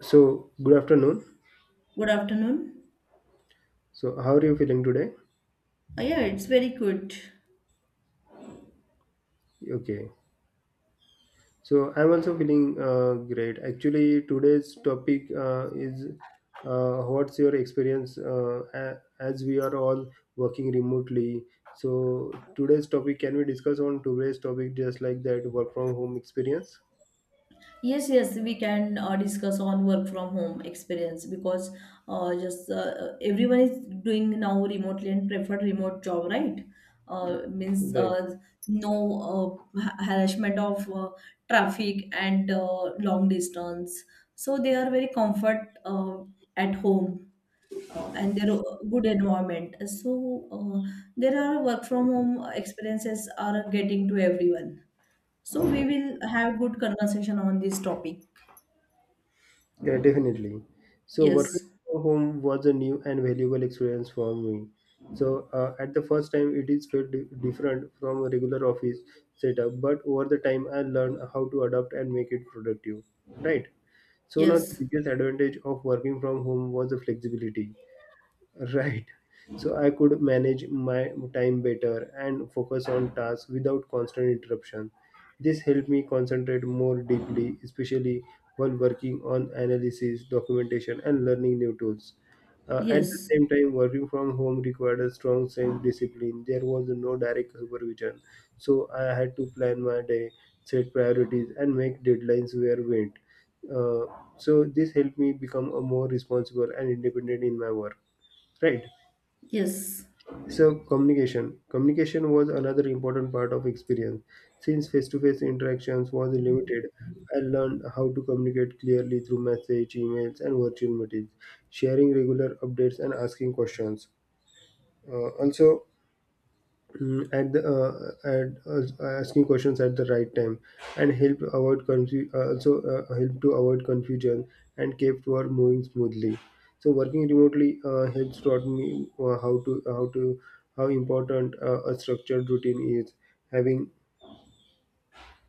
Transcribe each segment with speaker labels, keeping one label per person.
Speaker 1: So, good afternoon.
Speaker 2: Good afternoon.
Speaker 1: So, how are you feeling today?
Speaker 2: Yeah, it's very good.
Speaker 1: Okay. So, I'm also feeling great. Actually, today's topic is what's your experience as we are all working remotely. So, today's topic, can we discuss on today's topic, just like that, work from home experience?
Speaker 2: Yes, we can discuss on work from home experience because just everyone is doing now remotely and preferred remote job, right? Means
Speaker 1: Right.
Speaker 2: no harassment of traffic and long distance. So they are very comfort at home and their good environment. So uh, there are work from home experiences are getting to everyone. So we will have good conversation on this topic.
Speaker 1: Yeah, definitely. So working
Speaker 2: Yes,
Speaker 1: from home was a new and valuable experience for me. So at the first time, it is felt different from a regular office setup, but over the time, I learned how to adapt and make it productive. Right. So now the
Speaker 2: yes,
Speaker 1: biggest advantage of working from home was the flexibility, right, so I could manage my time better and focus on tasks without constant interruption. This helped me concentrate more deeply, especially while working on analysis, documentation, and learning new tools. At the
Speaker 2: yes,
Speaker 1: same time, working from home required a strong sense of discipline. There was no direct supervision, so I had to plan my day, set priorities, and make deadlines where went. Uh, so this helped me become a more responsible and independent in my work. Right.
Speaker 2: yes.
Speaker 1: So communication. Communication was another important part of experience. Since face-to-face interactions was limited, I learned how to communicate clearly through message, emails, and virtual meetings, sharing regular updates and asking questions. Also, at the at asking questions at the right time and help avoid also help to avoid confusion and kept work moving smoothly. So working remotely helps taught me how important a structured routine is. Having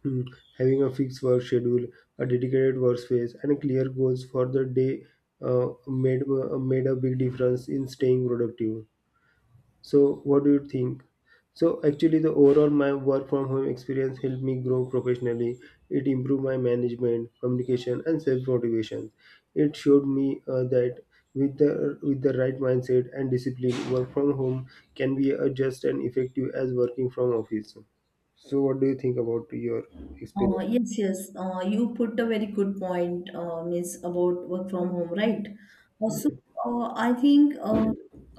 Speaker 1: mm, having a fixed work schedule, a dedicated workspace, and clear goals for the day uh, made made a big difference in staying productive. So, what do you think? So, actually, the overall my work from home experience helped me grow professionally. It improved my management, communication, and self motivation. It showed me that with the right mindset and discipline, work from home can be just and effective as working from office. So, what do you think about your experience?
Speaker 2: Yes, yes. You put a very good point, Miss, about work from home, right? Also,
Speaker 1: It's
Speaker 2: I think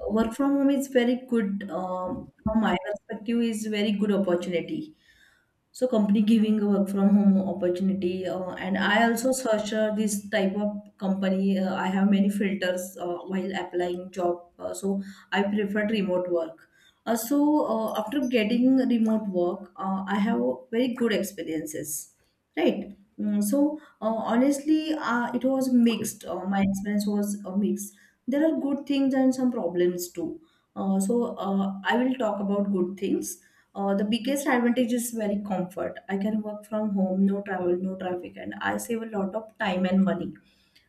Speaker 2: work from home is very good. From my perspective, is very good opportunity, so company giving a work from home opportunity and I also search this type of company, I have many filters while applying job, so I preferred remote work. uh, so After getting remote work, I have very good experiences, right. Mm, so honestly, it was mixed my experience was a mix, there are good things and some problems too. uh, so uh, I will talk about good things. The biggest advantage is very comfort. I can work from home, no travel, no traffic, and I save a lot of time and money.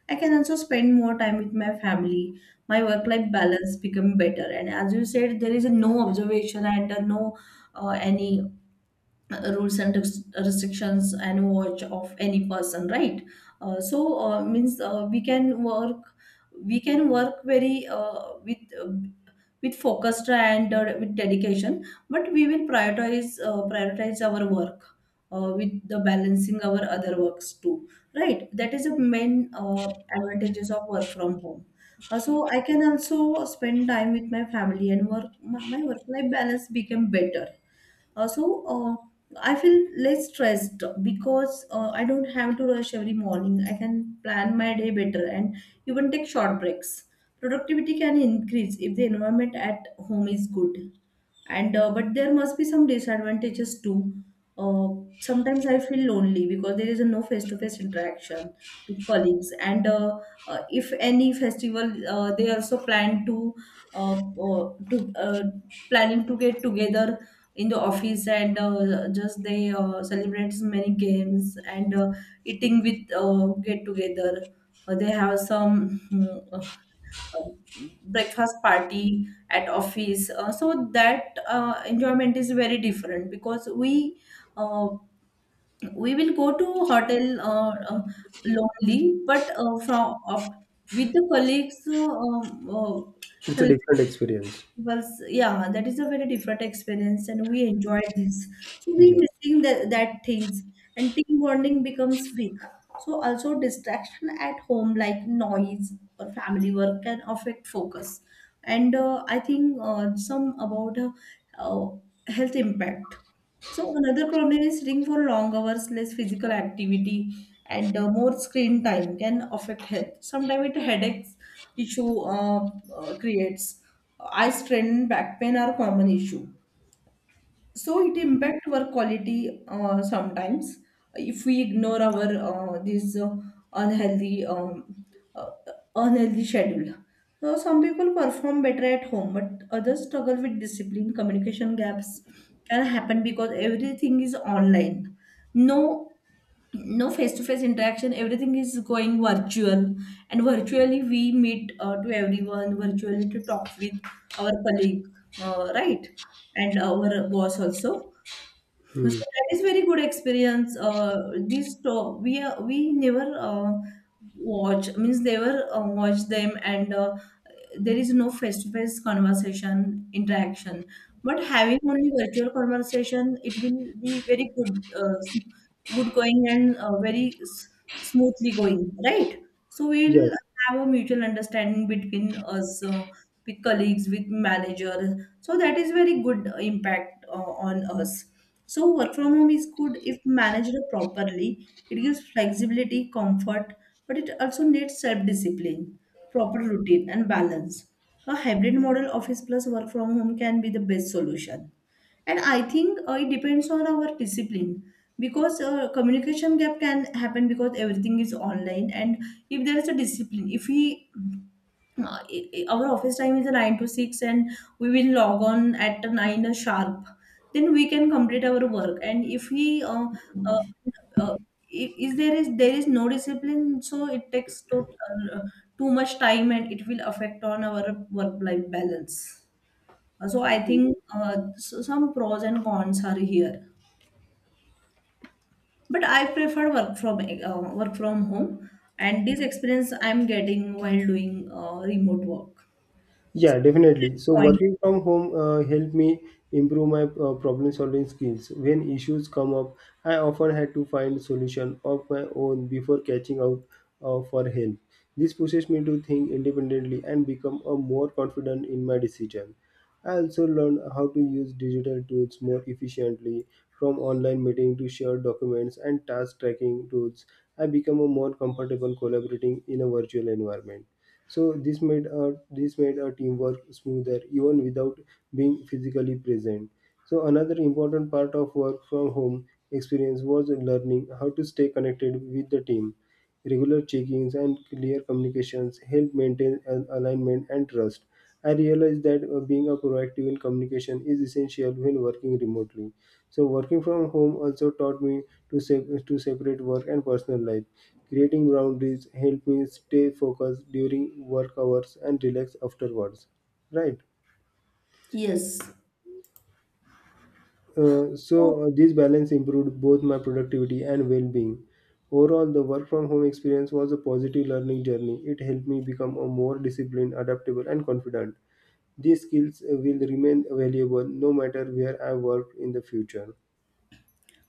Speaker 2: I can also spend more time with my family. My work-life balance become better. And as you said, there is no observation and no any rules and res- restrictions and watch of any person, right? So means we can work, We can work very with focus and with dedication, but we will prioritize our work with the balancing our other works too, right. That is the main uh, advantages of work from home. So I can also spend time with my family and work my my work life balance became better. uh, so uh, I feel less stressed because I don't have to rush every morning. I can plan my day better and even take short breaks. Productivity can increase if the environment at home is good, and but there must be some disadvantages too. uh, Sometimes I feel lonely because there is a no face to face interaction with colleagues, and if any festival they also uh, uh, to uh, planning to get together in the office, and just they celebrate so many games and eating with get together. They have some breakfast party at office, so that enjoyment is very different because uh, we will go to hotel lonely but from up with the colleagues. uh, um,
Speaker 1: a
Speaker 2: uh,
Speaker 1: different experience.
Speaker 2: it was yeah that is a very different experience and we enjoyed this. So we
Speaker 1: Yeah.
Speaker 2: missing the, that things, and team bonding becomes weak. So also distraction at home like noise or family work can affect focus. And I think some about uh, health impact. So another problem is sitting for long hours, less physical activity, and more screen time can affect health, sometimes it headaches issue creates. Eye strain, and back pain are common issue. So it impact work quality sometimes if we ignore our this unhealthy uh, unhealthy schedule. So some people perform better at home, but others struggle with discipline. Communication gaps can happen because everything is online. No No face-to-face interaction, everything is going virtual, and virtually we meet to everyone, virtually to talk with our colleague, right, and our boss also. So
Speaker 1: Hmm.
Speaker 2: that is very good experience. This talk, we never watch means never watch them, and there is no face-to-face conversation interaction, but having only virtual conversation, it will be very good, good going, and smoothly going, right. So
Speaker 1: Yeah.
Speaker 2: we'll have a mutual understanding between us, with colleagues, with manager. So that is very good impact on us. So work from home is good if managed properly. It gives flexibility, comfort, but it also needs self-discipline, proper routine, and balance. A hybrid model, office plus work from home, can be the best solution. And i think it depends on our discipline, because communication gap can happen because everything is online. And if there is a discipline, if we our office time is a 9 to 6, and we will log on at 9 sharp, then we can complete our work. And if we uh, uh, I- is there is there is no discipline, so it takes to, uh, too much time, and it will affect on our work life balance. So I think so some pros and cons are here. But I prefer work from home, and this experience I'm getting while doing remote work. So
Speaker 1: Yeah, definitely. So
Speaker 2: point.
Speaker 1: working from home helped me improve my problem solving skills. When issues come up, I often had to find solution of my own before catching out for help. This pushes me to think independently and become a more confident in my decision. I also learned how to use digital tools more efficiently, from online meeting to shared documents and task tracking tools. I become a more comfortable collaborating in a virtual environment. So this made our teamwork smoother even without being physically present. So another important part of work from home experience was learning how to stay connected with the team. Regular check-ins and clear communications help maintain an alignment and trust. I realized that being a proactive in communication is essential when working remotely. So working from home also taught me to separate work and personal life. Creating boundaries helped me stay focused during work hours and relax afterwards. Right?
Speaker 2: Yes.
Speaker 1: Uh,
Speaker 2: So,
Speaker 1: so uh, this balance improved both my productivity and well-being. Overall, the work from home experience was a positive learning journey. It helped me become a more disciplined, adaptable, and confident. These skills will remain valuable no matter where I work in the future.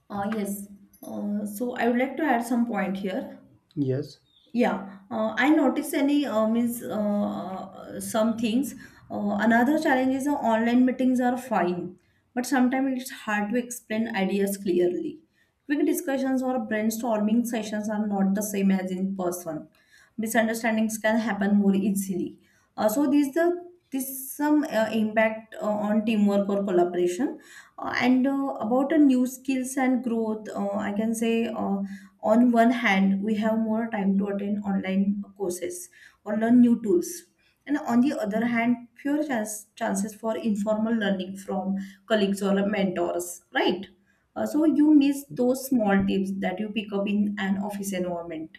Speaker 2: yes. So I would like to add some point here.
Speaker 1: Yes.
Speaker 2: Yeah, I notice any means some things. Another challenge is the online meetings are fine, but sometimes it's hard to explain ideas clearly. Quick discussions or brainstorming sessions are not the same as in person. Misunderstandings can happen more easily. So these the this some impact on teamwork or collaboration. And about a new skills and growth, I can say. On one hand we have more time to attend online courses or learn new tools, and on the other hand fewer chances for informal learning from colleagues or mentors, right. So you miss those small tips that you pick up in an office environment.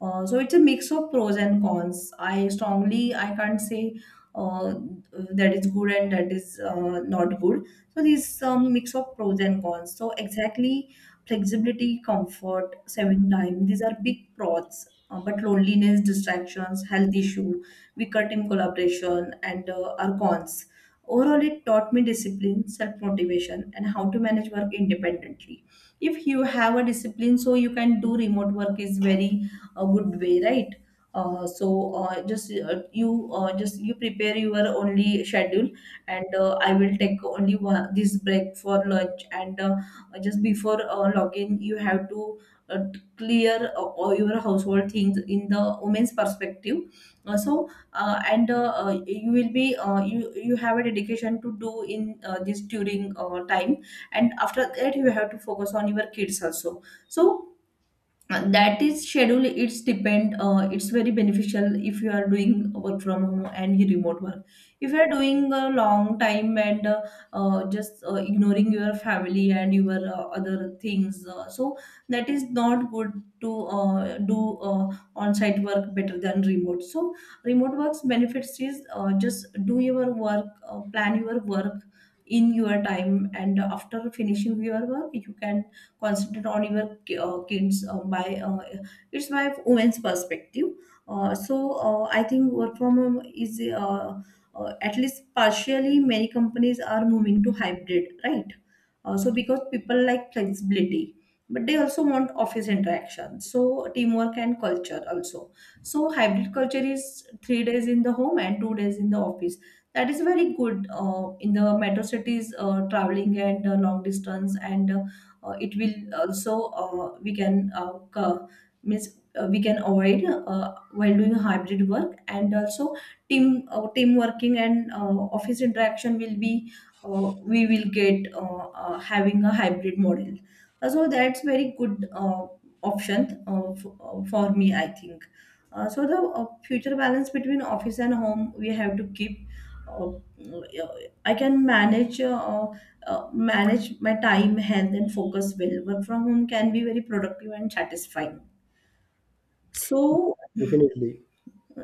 Speaker 2: So it's a mix of pros and cons. I can't say uh, that is good and that is not good. So this mix of pros and cons. So exactly flexibility, comfort, saving time, these are big pros. But loneliness, distractions, health issue, weaker team collaboration, and are cons. Overall, it taught me discipline, self motivation, and how to manage work independently. If you have a discipline, so you can do remote work is very a good way, right? Just you prepare your only schedule, and I will take only one this break for lunch and. Just before login you have to uh, clear all your household things in the women's perspective. So and You will be you have a dedication to do in this during time, and after that you have to focus on your kids also. So that is schedule, it's depend, it's very beneficial if you are doing work from home and you remote work. If you are doing a long time, and just ignoring your family and your other things, so that is not good to do on-site work better than remote. So remote work's benefits is, just do your work, plan your work in your time, and after finishing your work you can concentrate on your kids, by it's my women's perspective. uh, so I think work from home is at least partially, many companies are moving to hybrid, right. So because people like flexibility, but they also want office interaction, so teamwork and culture also. So hybrid culture is 3 days in the home and 2 days in the office. That is very good. In the metro cities traveling and long distance and it will also, uh, we can uh, co- we can avoid while doing hybrid work. And also team working and office interaction will be, we will get, having a hybrid model. So that's very good option for me I think. So the future balance between office and home we have to keep. uh, uh, I can manage, manage my time, health, and focus well. Work from home can be very productive and satisfying.
Speaker 1: Yeah,
Speaker 2: So,
Speaker 1: definitely.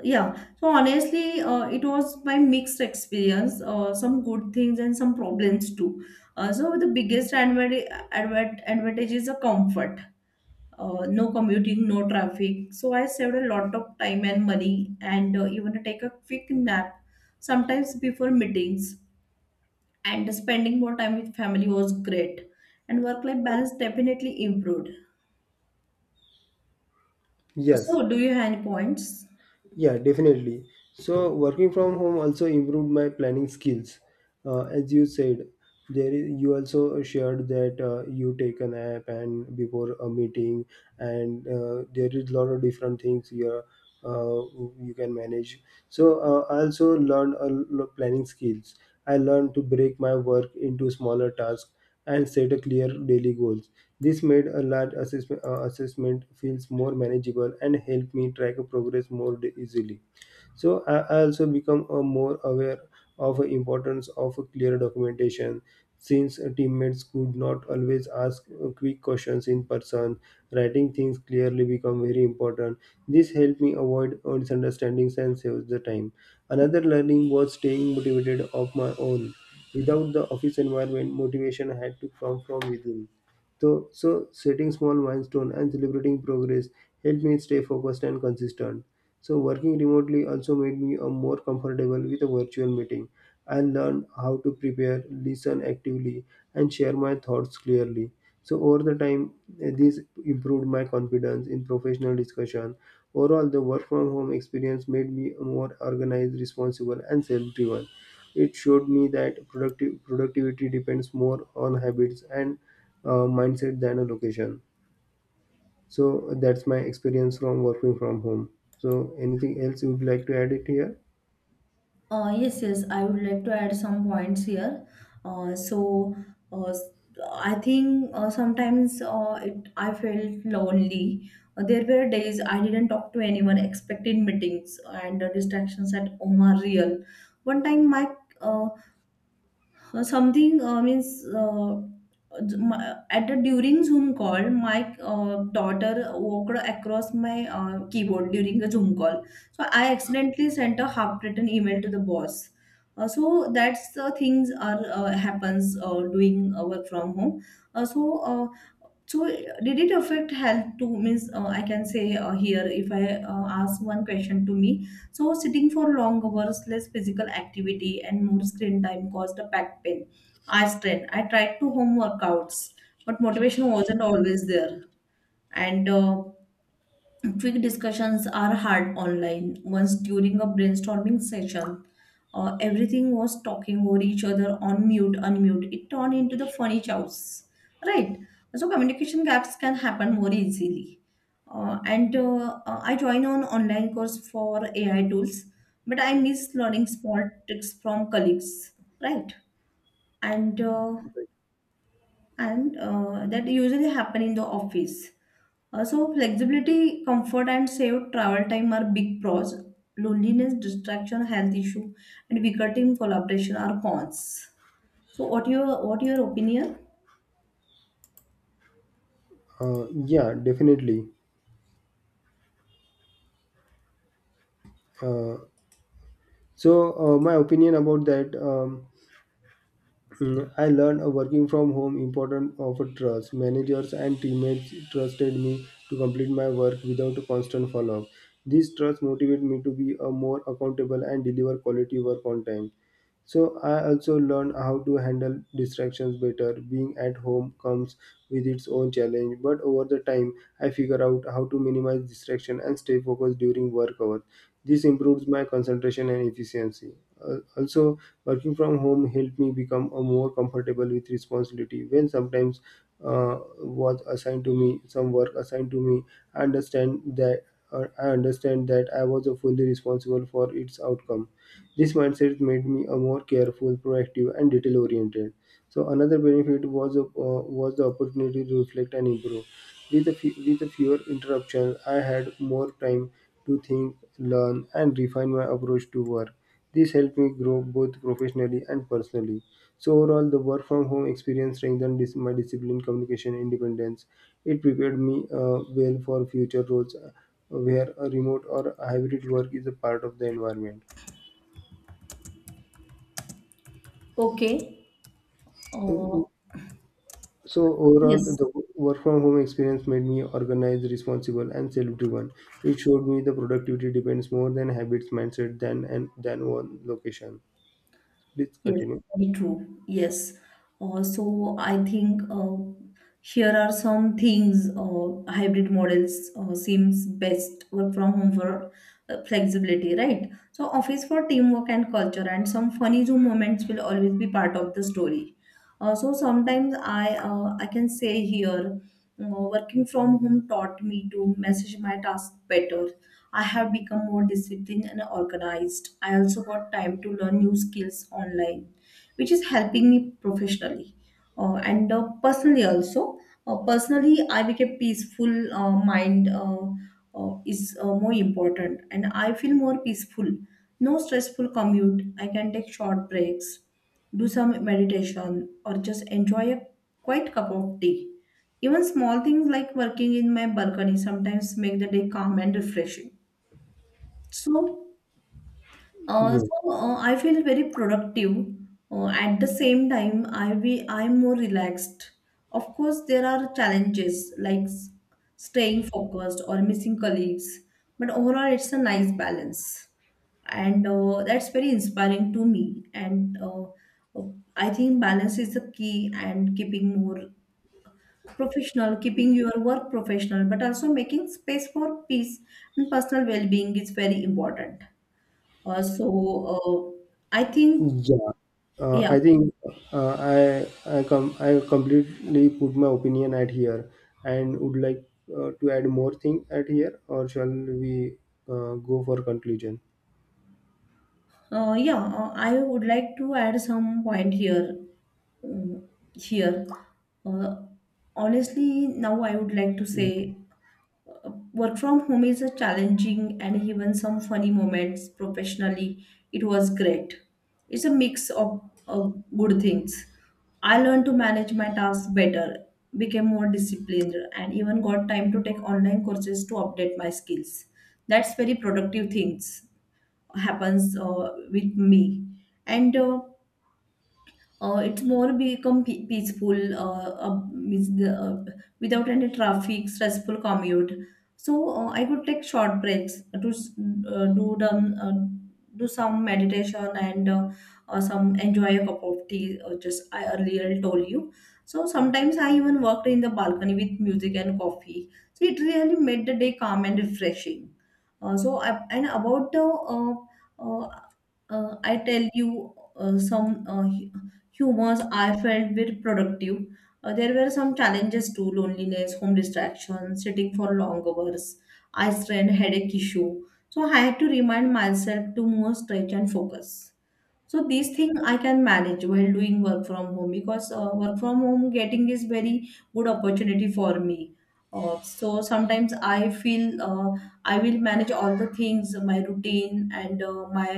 Speaker 2: yeah, so honestly, it was my mixed experience, some good things and some problems too. So, the advantage is the comfort. No commuting, no traffic. So I saved a lot of time and money, and even to take a quick nap sometimes before meetings, and spending more time with family was great, and work life balance definitely improved.
Speaker 1: Yes.
Speaker 2: So do you have any points?
Speaker 1: Yeah, definitely. So working from home also improved my planning skills. As you said, there is, you also shared that you take an app and before a meeting, and there is a lot of different things you are, uh, you can manage. So I also learned a lot of planning skills. I learned to break my work into smaller tasks and set a clear daily goals. This made a large assessment feels more manageable and helped me track progress more easily. So I also become more aware of the importance of a clear documentation, since teammates could not always ask quick questions in person, writing things clearly become very important. This helped me avoid misunderstandings and saves the time. Another learning was staying motivated of my own. Without the office environment, motivation had to come from within. So setting small milestone and celebrating progress helped me stay focused and consistent. So working remotely also made me a more comfortable with a virtual meeting. I learned how to prepare, listen actively, and share my thoughts clearly. So over the time, this improved my confidence in professional discussion. Overall, the work from home experience made me more organized, responsible, and self-driven. It showed me that productive productivity depends more on habits and mindset than a location. So that's my experience from working from home. So anything else you would like to add it here?
Speaker 2: Yes, yes, I would like to add some points here. So, I think sometimes it, I felt lonely. There were days I didn't talk to anyone, expected meetings, and the distractions at home are real. One time, my something means my, at the during Zoom call, my daughter walked across my keyboard during the Zoom call. So I accidentally sent a half-written email to the boss. So that's the things are happens doing work from home. Uh, so uh, so, did it affect health too? Means, I can say here, if I ask one question to me. So, sitting for long hours, less physical activity, and more screen time caused a back pain, eye strain. I tried to home workouts, but motivation wasn't always there. And Quick discussions are hard online. Once during a brainstorming session, everything was talking over each other on mute, unmute. It turned into the funny house, right? So communication gaps can happen more easily. And I joined an online course for AI tools, but I miss learning small tricks from colleagues, right? And uh, and That usually happen in the office. So flexibility, comfort, and saved travel time are big pros. Loneliness, distraction, health issue, and weaker team collaboration are cons. So what your opinion?
Speaker 1: Yeah, definitely. Uh, so my opinion about that, I learned working from home important of a trust. Managers and teammates trusted me to complete my work without a constant follow-up. This trust motivated me to be a more accountable and deliver quality work on time. So I also learned how to handle distractions better. Being at home comes with its own challenge, but over the time I figure out how to minimize distraction and stay focused during work hours. This improves my concentration and efficiency. Also, working from home helped me become a more comfortable with responsibility. When sometimes was assigned to me, some work assigned to me, I understand that I understand that I was fully responsible for its outcome. This mindset made me a more careful, proactive, and detail oriented. So another benefit was the opportunity to reflect and improve. With a fewer interruptions, I had more time to think, learn, and refine my approach to work. This helped me grow both professionally and personally. So overall, the work from home experience strengthened my discipline, communication, independence. It prepared me well for future roles where a remote or hybrid work is a part of the environment.
Speaker 2: Okay. Uh,
Speaker 1: So overall,
Speaker 2: Yes.
Speaker 1: the work from home experience made me organized, responsible, and self-driven. It showed me the productivity depends more than habits, mindset, than and than one location. Please
Speaker 2: Yes,
Speaker 1: continue.
Speaker 2: very true. Yes. So I think here are some things hybrid models seems best work from home for flexibility, right? So office for teamwork and culture and some funny Zoom moments will always be part of the story. So sometimes I can say here working from home taught me to message my task better. I have become more disciplined and organized. I also got time to learn new skills online, which is helping me professionally and personally also. Personally, I became peaceful. Mind is more important, and I feel more peaceful. No stressful commute. I can take short breaks, do some meditation, or just enjoy a quiet cup of tea. Even small things like working in my balcony sometimes make the day calm and refreshing. So, uh,
Speaker 1: Yeah,
Speaker 2: so uh, I feel very productive. At the same time, I'm more relaxed. Of course, there are challenges like staying focused or missing colleagues, but overall, it's a nice balance, and that's very inspiring to me. And uh, I think balance is the key, and keeping more professional, keeping your work professional, but also making space for peace and personal well-being is very important. So uh, I think,
Speaker 1: yeah. Uh,
Speaker 2: yeah,
Speaker 1: I think I completely put my opinion at here, and would like to add more thing at here, or shall we go for conclusion?
Speaker 2: yeah, I would like to add some point here. um, here, uh, Honestly, now I would like to say work from home is a challenging and even some funny moments professionally, it was great. It's a mix of good things. I learned to manage my tasks better, became more disciplined and even got time to take online courses to update my skills. That's very productive things happens with me. And It's more become peaceful without any traffic, stressful commute. So I could take short breaks to do the uh, do some meditation and some enjoy a cup of tea. Or just I earlier told you. So sometimes I even worked in the balcony with music and coffee. So it really made the day calm and refreshing. So I, and about the uh, I tell you some humors I felt were productive. There were some challenges too: loneliness, home distractions, sitting for long hours, eye strain, headache issue. So I had to remind myself to more stretch and focus. So these thing I can manage while doing work from home, because work from home getting is very good opportunity for me. So sometimes I feel I will manage all the things, my routine and my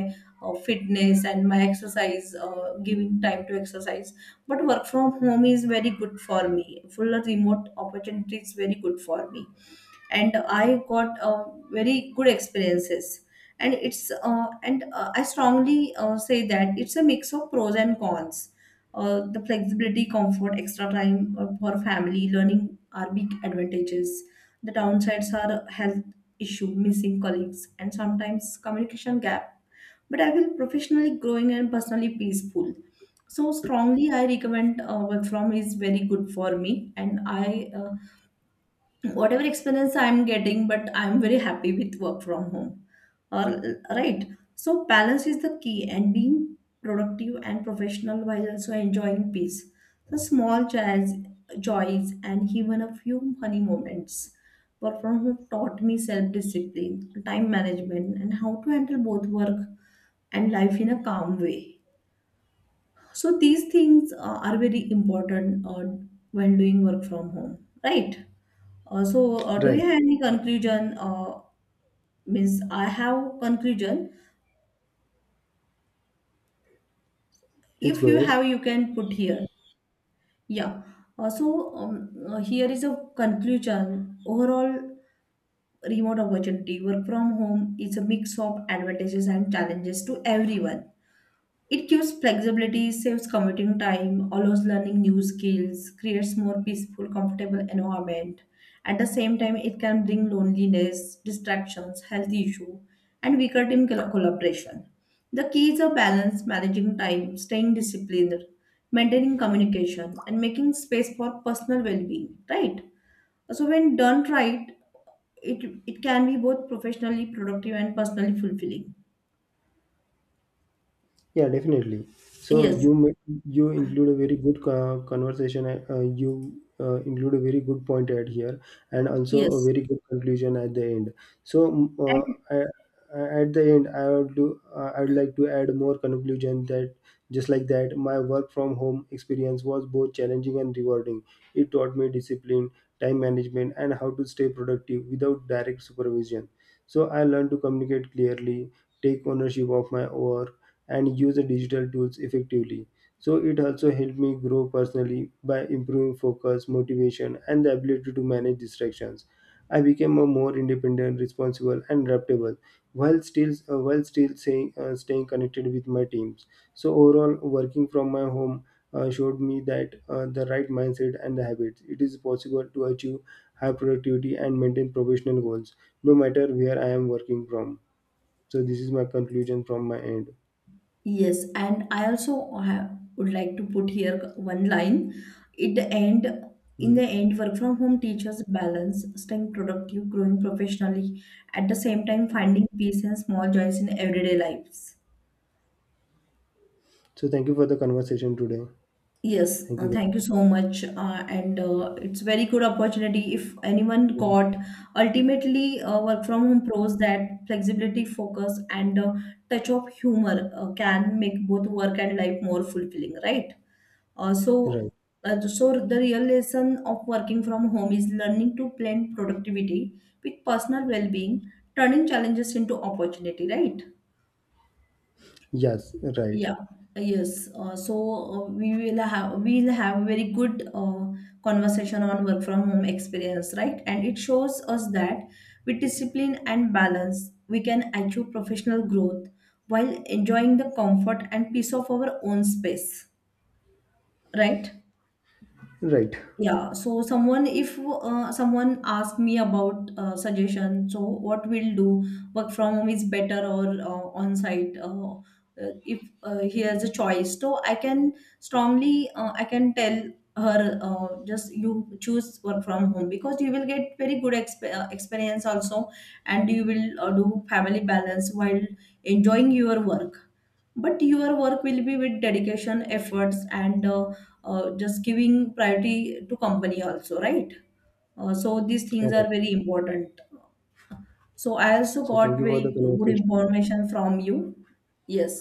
Speaker 2: fitness and my exercise, giving time to exercise. But work from home is very good for me. Full remote opportunity is very good for me, and I got very good experiences. And it's and I strongly say that it's a mix of pros and cons. The flexibility, comfort, extra time for family, learning are big advantages. The downsides are health issue, missing colleagues, and sometimes communication gap. But I feel professionally growing and personally peaceful. So strongly, I recommend work from is very good for me, and I whatever experience I'm getting, but I'm very happy with work from home, or right. So balance is the key, and being productive and professional while also enjoying peace, the small joys and even a few funny moments. Work from home taught me self-discipline, time management, and how to handle both work and life in a calm way. So these things are very important when doing work from home, right? Do you
Speaker 1: Right.
Speaker 2: have any conclusion? Means I have conclusion.
Speaker 1: Please
Speaker 2: If
Speaker 1: go
Speaker 2: you
Speaker 1: ahead.
Speaker 2: have, you can put here. Yeah. Here is a conclusion. Overall, remote opportunity work from home is a mix of advantages and challenges to everyone. It gives flexibility, saves commuting time, allows learning new skills, creates more peaceful, comfortable environment. At the same time, it can bring loneliness, distractions, health issue, and weaker team collaboration. The key is a balance, managing time, staying disciplined, maintaining communication, and making space for personal well-being. Right. So when done right, it can be both professionally productive and personally fulfilling.
Speaker 1: Yeah, definitely. So
Speaker 2: Yes.
Speaker 1: you include a very good conversation. You include a very good point at here, and also a
Speaker 2: Yes.
Speaker 1: very good conclusion at the end. So at the end, I would do. I would like to add more conclusion that, just like that, my work from home experience was both challenging and rewarding. It taught me discipline, time management, and how to stay productive without direct supervision. So I learned to communicate clearly, take ownership of my work, and use the digital tools effectively. So it also helped me grow personally by improving focus, motivation, and the ability to manage distractions. I became a more independent, responsible, and adaptable while still staying connected with my teams. So overall, working from my home showed me that the right mindset and the habits, it is possible to achieve high productivity and maintain professional goals, no matter where I am working from. So this is my conclusion from my end.
Speaker 2: Yes, and I also have, would like to put here one line. It the end in the
Speaker 1: Mm.
Speaker 2: end, work from home teaches balance, staying productive, growing professionally, at the same time finding peace and small joys in everyday lives.
Speaker 1: So thank you for the conversation today.
Speaker 2: Yes,
Speaker 1: Thank you.
Speaker 2: thank you so much. And It's very good opportunity if anyone got ultimately. Work from home pros, that flexibility, focus, and touch of humor can make both work and life more fulfilling, right? Uh, so,
Speaker 1: Right.
Speaker 2: so the real lesson of working from home is learning to blend productivity with personal well-being, turning challenges into opportunity, right?
Speaker 1: Yes. Right.
Speaker 2: Yeah, yes. We'll have very good conversation on work from home experience, right? And it shows us that with discipline and balance, we can achieve professional growth while enjoying the comfort and peace of our own space, right?
Speaker 1: Right.
Speaker 2: Yeah, so someone if someone asked me about suggestion, so what we'll do, work from home is better or on site. If he has a choice, so I can strongly I can tell her, just you choose work from home, because you will get very good experience also, and you will do family balance while enjoying your work. But your work will be with dedication, efforts, and just giving priority to company also, right? So these
Speaker 1: Yeah,
Speaker 2: things are
Speaker 1: right.
Speaker 2: very important. So I also
Speaker 1: So thank
Speaker 2: got
Speaker 1: you for
Speaker 2: very
Speaker 1: the
Speaker 2: good
Speaker 1: conversation.
Speaker 2: information from you. Yes,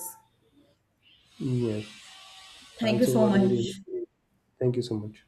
Speaker 1: Yes. I
Speaker 2: thank you
Speaker 1: also
Speaker 2: so
Speaker 1: got very.
Speaker 2: much.
Speaker 1: Thank you so much.